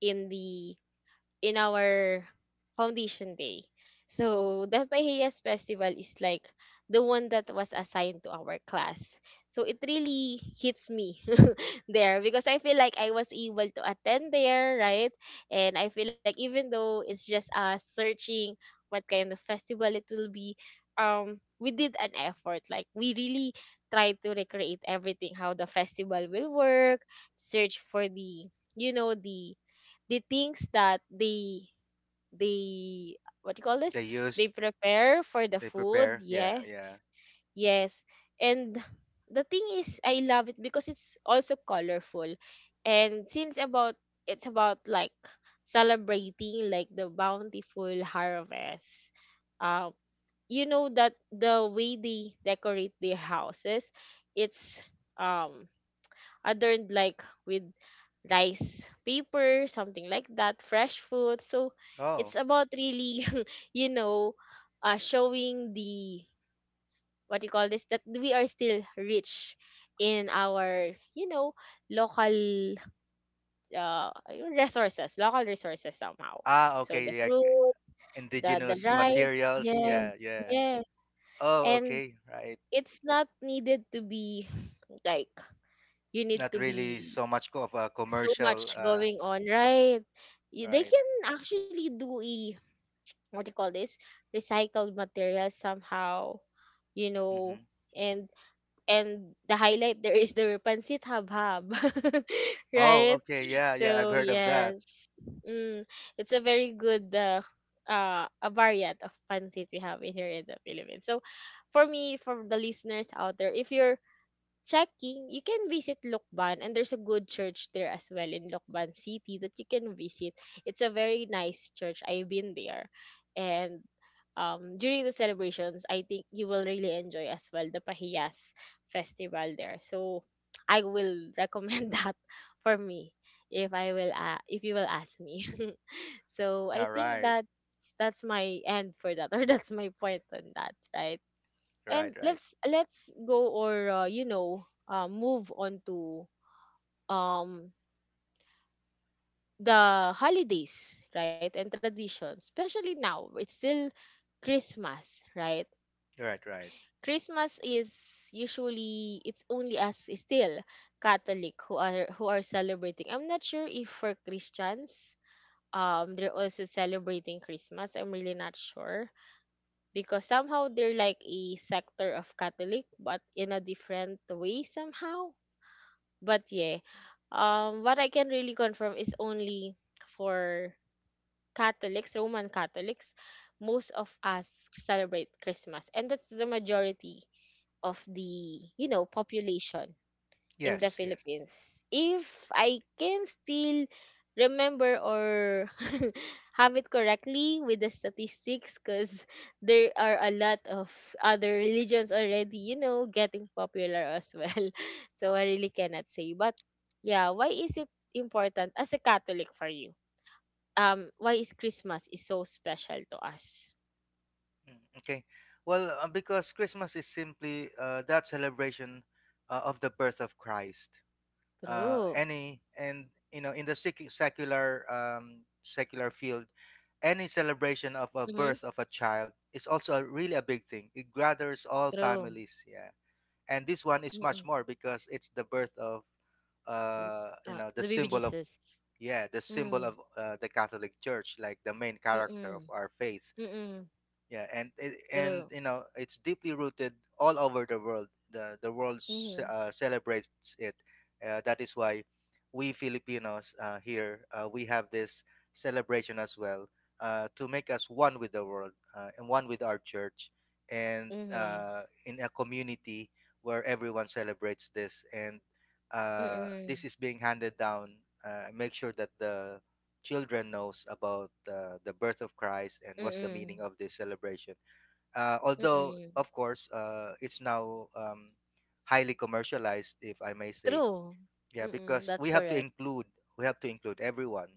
in the in our foundation day. So the Pahiyas festival is like the one that was assigned to our class. So it really hits me there because I feel like I was able to attend there, right? And I feel like even though it's just us searching what kind of festival it will be, we did an effort. Like we really tried to recreate everything, how the festival will work, search for the you know the things that they what you call this,
They
they
used,
prepare for the
they
food,
prepare. Yeah,
yes,
yeah.
yes. And the thing is, I love it because it's also colorful, and since about it's about like celebrating like the bountiful harvest, um you know, that the way they decorate their houses, it's um adorned like with rice paper, something like that, fresh food. So
Oh,
it's about really, you know, showing the what you call this that we are still rich in our you know local uh resources, local resources somehow.
ah,
So the
okay. Like
fruit, the
indigenous
rice,
materials.
yes,
Yeah, yeah.
yes.
Oh,
And
okay. Right.
it's not needed to be like you need
Not
to
really
be
so much of a
so
commercial.
much going on, right? You, they
Right.
can actually do a what do you call this, recycled material somehow, you know.
Mm-hmm.
And and the highlight there is the pancit habhab,
Oh,
right?
okay. Yeah, yeah. I've
So
heard of that.
yes, mm, it's a very good a variant of pancit we have in here in the Philippines. So for me, for the listeners out there, if you're checking, you can visit Lukban and there's a good church there as well in Lukban City that you can visit. It's a very nice church. I've been there. And during the celebrations, I think you will really enjoy as well the Pahiyas festival there. So I will recommend that for me if I will if you will ask me. So I
Yeah,
think that's my end for that, or that's my point on that, right?
right,
And
right,
let's go or you know, move on to um the holidays, right, and traditions, especially now it's still Christmas, right?
right, right.
Christmas is usually it's only us still Catholic who are celebrating. I'm not sure if for Christians, they're also celebrating Christmas. I'm really not sure because somehow they're like a sector of Catholic but in a different way somehow. But yeah, what I can really confirm is only for Catholics, Roman Catholics, most of us celebrate Christmas, and that's the majority of the you know population in the
Yes, yes.
Philippines. If I can still remember or have it correctly with the statistics, because there are a lot of other religions already, you know, getting popular as well. So I really cannot say. But yeah, why is it important as a Catholic for you? Why is Christmas is so special to us?
Mm, okay. Well, because Christmas is simply that celebration of the birth of Christ.
True.
Any and you know, in the secular secular field, any celebration of a
Mm-hmm.
birth of a child is also really a big thing. It gathers all
True.
families, yeah. And this one is much
Mm-mm.
more, because it's the birth of
The,
you know, the
the baby
symbol of,
Jesus.
yeah, the symbol
Mm.
of the Catholic Church, like the main character of
Mm-mm.
our faith,
Mm-mm.
yeah. And
True.
you know, it's deeply rooted all over the world. The world
Mhm,
celebrates it. That is why we Filipinos, here, we have this celebration as well, to make us one with the world, and one with our church and
mhm,
in a community where everyone celebrates this. And
mm,
this is being handed down, make sure that the children knows about the birth of Christ and what's the
mm,
meaning of this celebration. Although,
mm.
of course, it's now highly commercialized, if I may say.
True.
Yeah,
Mm,
because
that's
we have to
correct.
include, we have to include everyone,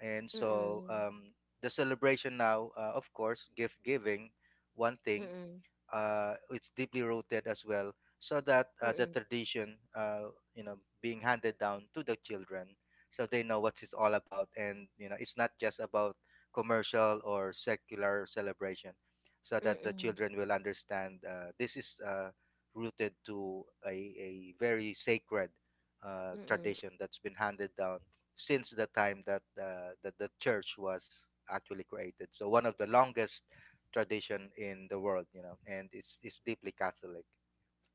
and
Mm,
so
mm,
the celebration now, of course, gift giving, one thing,
mm,
it's deeply rooted as well, so that the
mm,
tradition, you know, being handed down to the children, so they know what it's all about, and you know, it's not just about commercial or secular celebration, so that the
mm,
children will understand this is rooted to a very sacred
mm.
tradition that's been handed down since the time that, the church was actually created. So one of the longest tradition in the world, you know, and it's deeply Catholic.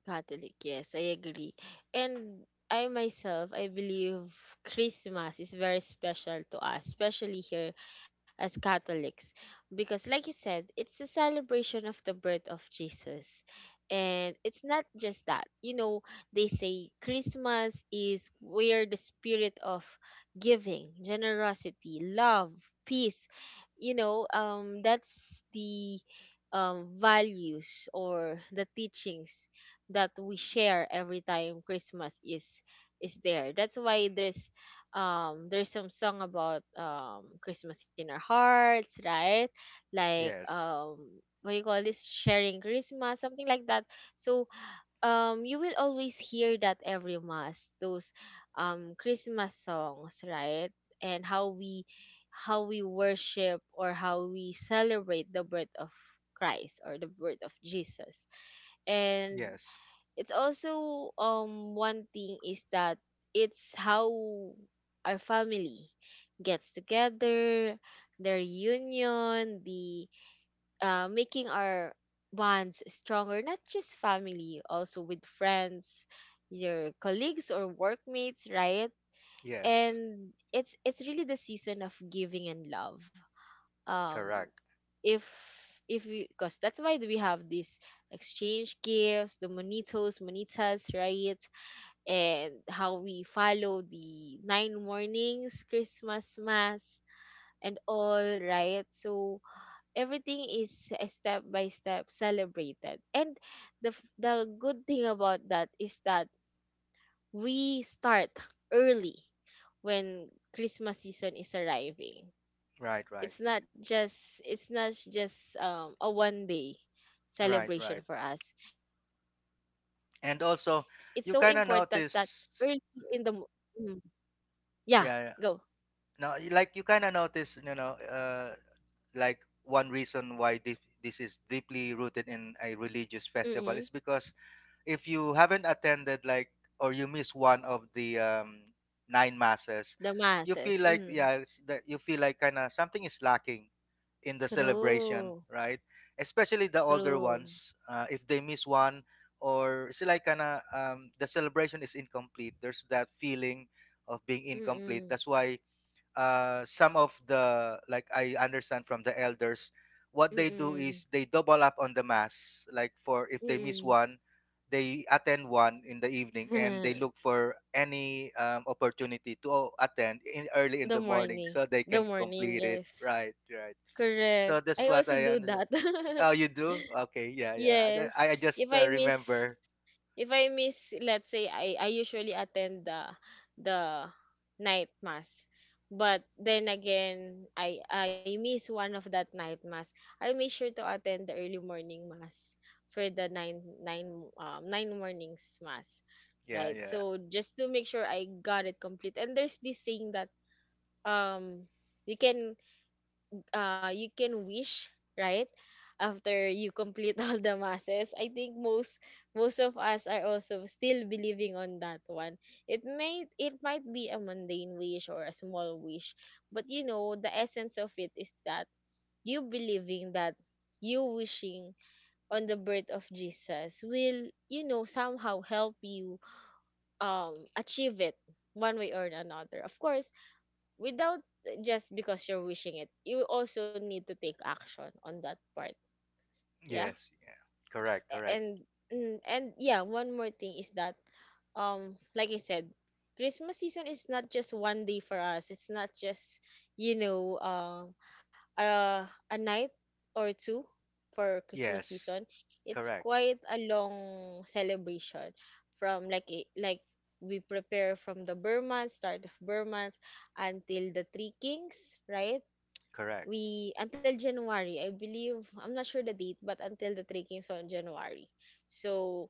Catholic, yes, I agree. And I myself, I believe Christmas is very special to us, especially here as Catholics, because, like you said, it's a celebration of the birth of Jesus. And it's not just that. You know, they say Christmas is where the spirit of giving, generosity, love, peace, you know, that's the values or the teachings that we share every time Christmas is there. That's why there's some song about Christmas in our hearts, right? Like
Yes,
what you call this, sharing Christmas, something like that. So you will always hear that every mass, those Christmas songs, right? And how we worship or how we celebrate the birth of Christ or the birth of Jesus, and
yes,
it's also one thing is that it's how our family gets together, the reunion, the making our bonds stronger, not just family, also with friends, your colleagues or workmates, right?
yes,
And it's really the season of giving and love, um
correct.
if if we, because that's why we have this exchange gifts, the monitos monitas, right? And how we follow the nine mornings, Christmas mass, and all, right? So everything is a step by step celebrated. And the the good thing about that is that we start early when Christmas season is arriving.
Right, right,
It's not just a one day
right,
celebration
right.
for us. It's so important
And
that
also,
early
you kind
in
of
the mm,
notice,
yeah go
yeah, yeah. no, y- Like you kind of notice, you know, like one reason why this is deeply rooted in a religious
Mm.
festival is because if you haven't attended like or you miss one of the nine masses,
The
you
masses,
feel like,
mm.
yeah, it's that, you feel like kind of something is lacking in the celebration,
True,
right? Especially the older
true.
ones, if they miss one, or it's like kinda the celebration is incomplete. There's that feeling of being incomplete.
Mm,
That's why some of the, like I understand from the elders, what they do
mm,
is they double up on the mass. Like for if they miss
mm.
one, they attend one in the evening, and they look for any opportunity to, oh, attend in early in
The
the morning
morning,
so they
the
can
morning,
complete it.
yes.
Right, right.
Correct.
So
I
that's what
also
I
do
understand.
that.
Oh, you do? Okay, yeah, yeah.
Yes.
I
If
just
I miss
remember.
if I miss, let's say I usually attend the night mass. But then again, I miss one of that night mass. I make sure to attend the early morning mass for the nine mornings mass.
Yeah,
Right?
yeah.
So just to make sure I got it complete. And there's this saying that um you can you can wish right after you complete all the masses. I think most of us are also still believing on that one. It may it might be a mundane wish or a small wish, but you know the essence of it is that you believing that, you wishing on the birth of Jesus, will, you know, somehow help you achieve it one way or another. Of course, without, just because you're wishing it, you also need to take action on that part. Yeah.
Yes, yeah. Correct,
A-
correct.
and yeah, one more thing is that, like I said, Christmas season is not just one day for us. It's not just, you know, a night or two for Christmas
Yes,
season. It's
correct,
quite a long celebration, from like we prepare from the Burman, start of Burmans, until the Three Kings, right?
correct.
We until January, I believe, I'm not sure the date, but until the trekking is on January. So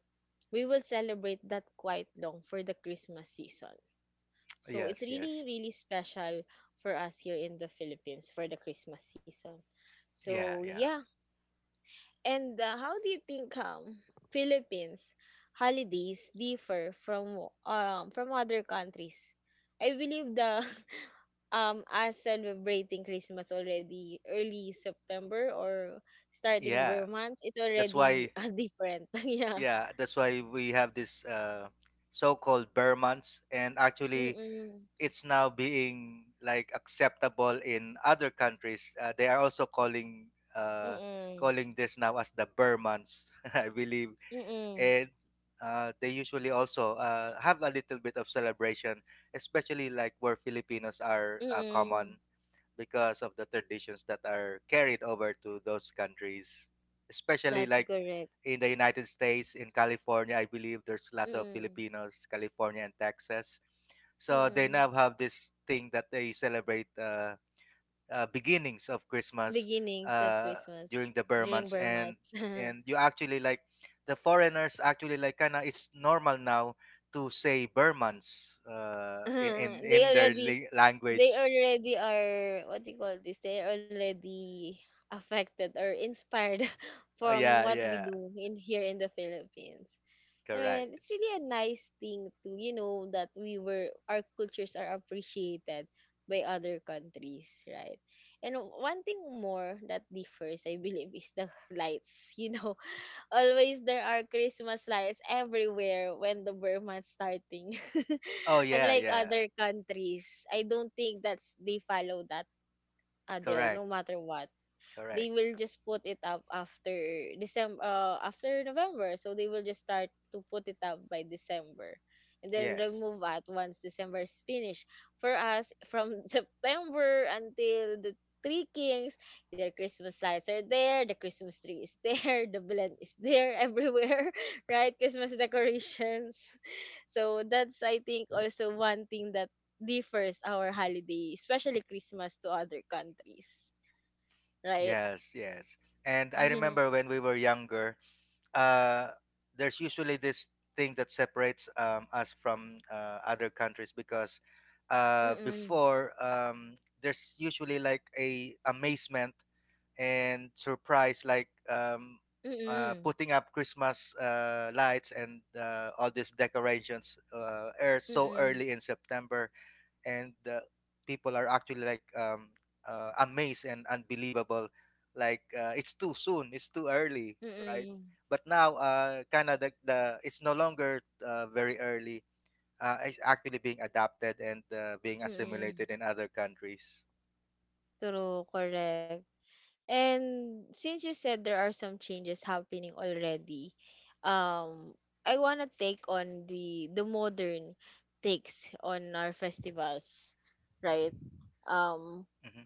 we will celebrate that quite long for the Christmas season. So
Yes,
it's
yes.
really, really special for us here in the Philippines for the Christmas season.
Yeah,
So
yeah.
yeah. And how do you think Philippines holidays differ from other countries? I believe the us celebrating Christmas already early September, or starting
Yeah.
Burr months, it's
That's why,
already different. Yeah.
yeah, that's why we have this so called bear months. And actually,
Mm-mm.
it's now being like acceptable in other countries. They are also uh,
Mm-mm.
calling this now as the bear months, I believe.
Mm-mm.
And they usually also have a little bit of celebration, especially like where Filipinos are
Mm-mm.
common, because of the traditions that are carried over to those countries, especially
That's
like
correct.
in the United States, in California. I believe there's lots of
Mm-mm.
Filipinos, California and Texas. So they
Mm-mm.
now have this thing that they celebrate. Beginnings of Christmas,
Beginnings of
uh,
Christmas
during the Burr
during
months.
Burr
and
months.
and you actually like, the foreigners actually like, kind of, it's normal now to say Burr months, in
they
their
already they
language.
already are, what do you call this? They're already affected or inspired
Oh
from
yeah,
what we
yeah,
do in here in the Philippines. And
correct.
it's really a nice thing to, you know, that we were, our cultures are appreciated by other countries, right? And one thing more that differs, I believe, is the lights. You know, always there are Christmas lights everywhere when the month's starting.
Oh yeah,
Unlike
yeah,
other countries, I don't think that's they follow that, there,
correct,
no matter what, they
correct.
will just put it up after December, after November. So they will just start to put it up by December and then remove
Yes,
it once December is finished. For us, from September until the Three Kings, their Christmas lights are there, the Christmas tree is there, the blend is there everywhere. Right? Christmas decorations. So that's, I think, also one thing that differs our holiday, especially Christmas, to other countries, right?
yes, yes. And I
Mm-mm,
remember when we were younger. uh, there's usually this thing that separates us from other countries, because
mm-mm,
before, there's usually like a amazement and surprise, like
mm-mm,
putting up Christmas lights and all these decorations, so
mm-mm,
early in September. And people are actually like amazed and unbelievable, like it's too soon, it's too early,
mm-mm.
right? But now kind of the it's no longer very early. It's actually being adapted and being assimilated
Mm-mm.
in other countries.
True, correct. And since you said there are some changes happening already, um, I wanna take on the modern takes on our festivals, right? Um,
Hmm.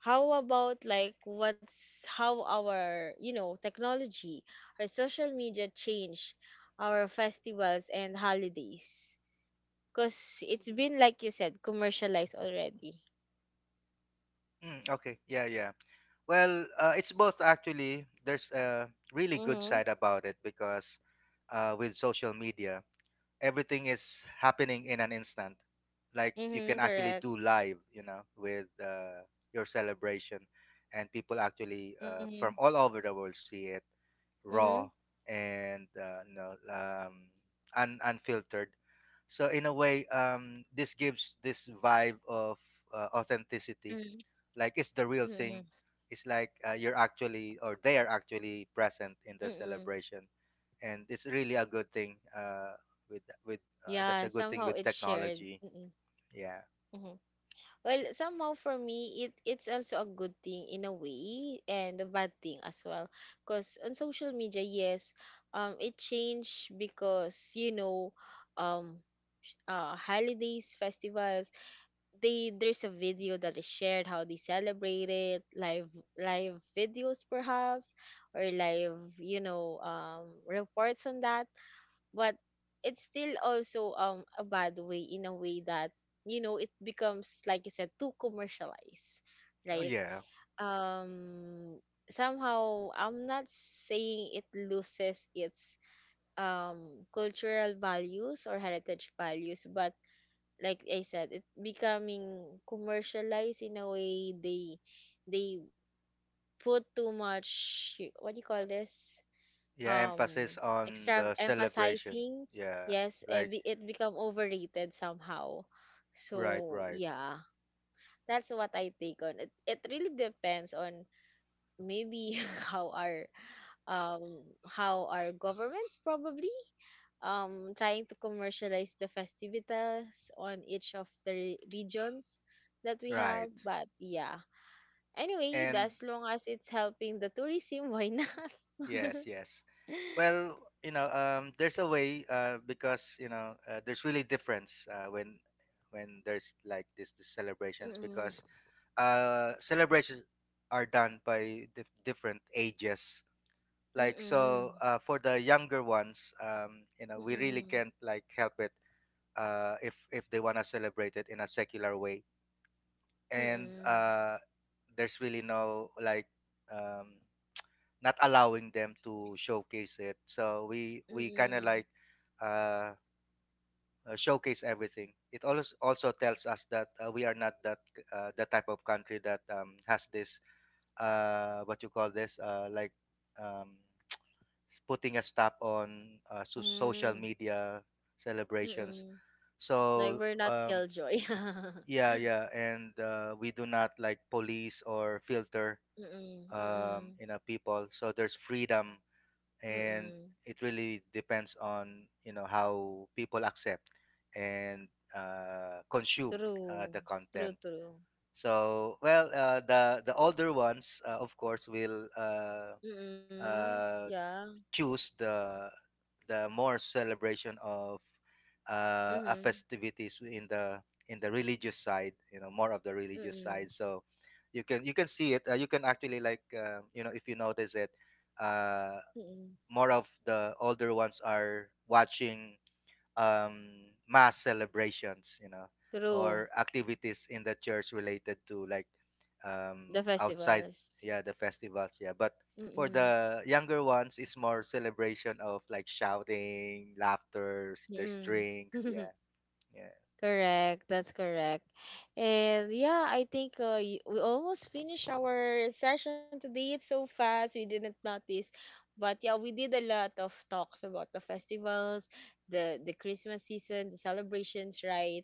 how about, like, what's how our, you know, technology or social media change our festivals and holidays, because it's been, like you said, commercialized already.
okay, yeah, yeah. Well, it's both, actually. There's a really
Mm-hmm.
good side about it, because with social media, everything is happening in an instant. Like you
Mm-hmm,
can actually
correct.
do live, you know, with your celebration, and people actually
Mm-hmm.
from all over the world see it
Mm-hmm.
raw and you know, unfiltered. So in a way, this gives this vibe of authenticity,
Mm-hmm.
like it's the real
Mm-hmm.
thing, it's like you're actually, or they are actually present in the
Mm-hmm.
celebration. And it's really a good thing, with
Yeah,
that's a good
somehow
thing
it's
with
shared.
technology,
Mm-hmm.
yeah.
Mm-hmm. Well, somehow for me, it it's also a good thing in a way and a bad thing as well. Because on social media, yes, it changed because, you know, um, holidays, festivals. They there's a video that is shared how they celebrate it, live videos perhaps, or live, you know, reports on that. But it's still also a bad way, in a way that, you know, it becomes, like you said, too commercialized,
Oh
right?
yeah,
um somehow, I'm not saying it loses its um cultural values or heritage values, but like I said, it becoming commercialized in a way. They put too much, what do you call this,
yeah,
um
emphasis on
extra
the celebration,
emphasizing.
yeah,
Yes,
like,
it become overrated somehow.
right,
So
right,
yeah, that's what I take on it. It really depends on, maybe, how our how our governments probably trying to commercialize the festivities on each of the regions that we have.
right,
But yeah, anyway,
and,
as long as it's helping the tourism, why not?
yes, yes. Well, you know, there's a way, because, you know, there's really difference when there's like this celebrations.
Mm,
Because celebrations are done by different ages.
mm,
Like,
mm,
so for the younger ones, you know, we really
mm,
can't like help it if they want to celebrate it in a secular way. and
mm,
uh there's really no like um not allowing them to showcase it. So we kind of like uh showcase everything. It also also tells us that we are not that, the type of country that has this, what you call this, um, putting a stop on social
mm,
media celebrations.
mm. Like
So
we're not
um,
killjoy.
yeah, yeah, and we do not like police or filter,
Mm, mm,
you know, people. So there's freedom, and
mm.
it really depends on, you know, how people accept and consume
True.
the
True,
content.
true.
So well, the older ones, of course, will.
Mm,
Uh,
yeah.
Choose the more celebration of a
Mm,
festivities in the religious side, you know, more of the religious
mm,
side. So you can, you can see it, you can actually like, you know, if you notice it, uh,
mm.
more of the older ones are watching, um, mass celebrations, you know,
True.
or activities in the church related to like,
The
outside,
festivals.
yeah, the festivals, yeah. But
Mm,
for the younger ones, it's more celebration of like shouting, laughters, there's
mm.
drinks, yeah, yeah,
Correct. That's correct. And yeah, I think we almost finished our session today. It's so fast. We didn't notice. But yeah, we did a lot of talks about the festivals, the Christmas season, the celebrations, right?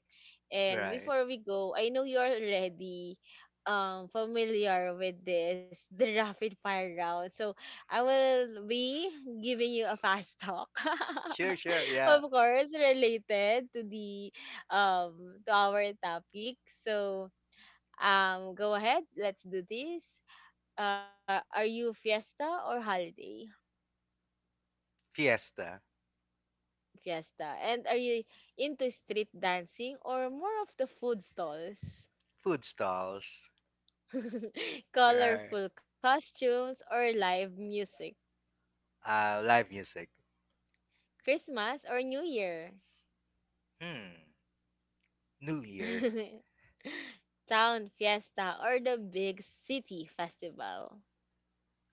And
right.
before we go, I know you're already familiar with this, the rapid fire round. So I will be giving you a fast talk,
Sure, sure,
of
yeah.
course, related to the to our topic. So go ahead, let's do this. Are you fiesta or holiday?
Fiesta,
Fiesta. And are you into street dancing or more of the food stalls?
food stalls, right.
Colorful costumes or live music?
Live music.
Christmas or New Year?
Hmm. New Year.
Town fiesta or the big city festival?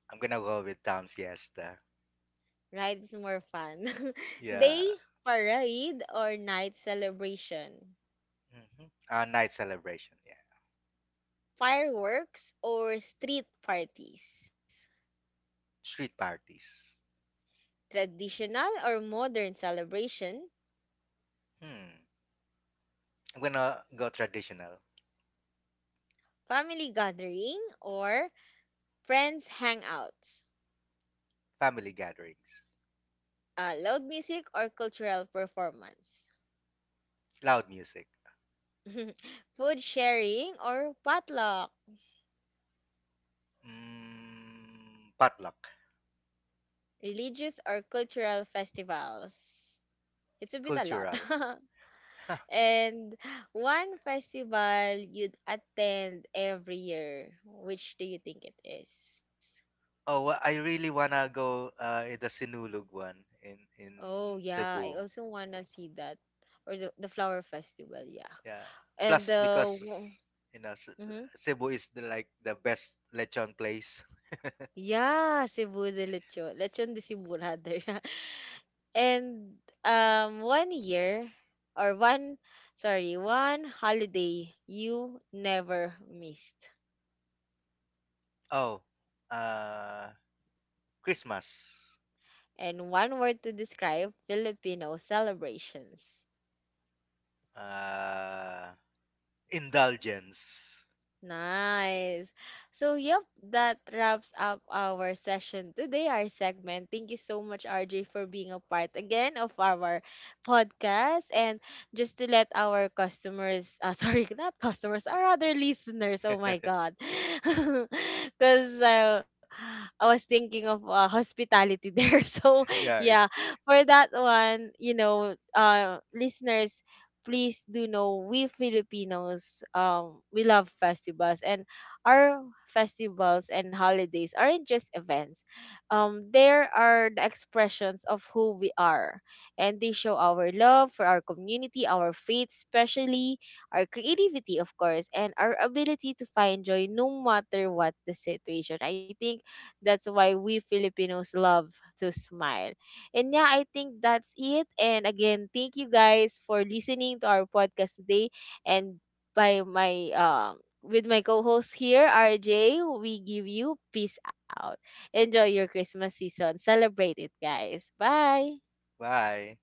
I'm gonna go with Town Fiesta.
Right? It's more fun.
Yeah.
Day parade or night celebration.
Mm-hmm. Night celebration, yeah.
Fireworks or street parties.
Street parties.
Traditional or modern celebration.
Hmm. I'm gonna go traditional.
Family gathering or friends hangouts.
Family gatherings.
Loud music or cultural performance.
Loud music.
Food sharing or potluck.
Mm, potluck.
Religious or cultural festivals. It's a bit a lot.
Cultural.
And one festival you'd attend every year, which do you think it is?
Oh, I really wanna go in the Sinulog one in
Oh yeah, I
Cebu.
also wanna see that, or the flower festival, yeah.
Yeah.
And
Plus,
the
because you know,
mm-hmm.
Cebu is the, like the best lechon place.
Yeah, Cebu de Lechon, Lechon de Cebu rather. And one year or one, sorry, one holiday you never missed.
Oh, uh, Christmas.
And one word to describe Filipino celebrations.
Uh, indulgence.
Nice. So, yep, that wraps up our session today, our segment. Thank you so much, RJ, for being a part again of our podcast. And just to let our customers, sorry, not customers, our other listeners, oh my God. Because I was thinking of hospitality there. So,
yeah.
yeah, for that one, you know, listeners, please do know, we Filipinos, we love festivals, and our festivals and holidays aren't just events. There are the expressions of who we are, and they show our love for our community, our faith especially, our creativity of course, and our ability to find joy no matter what the situation. I think that's why we Filipinos love to smile. And yeah, I think that's it. And again, thank you guys for listening to our podcast today. And by my with my co-host here, RJ, we give you peace out. Enjoy your Christmas season. Celebrate it, guys. Bye.
Bye.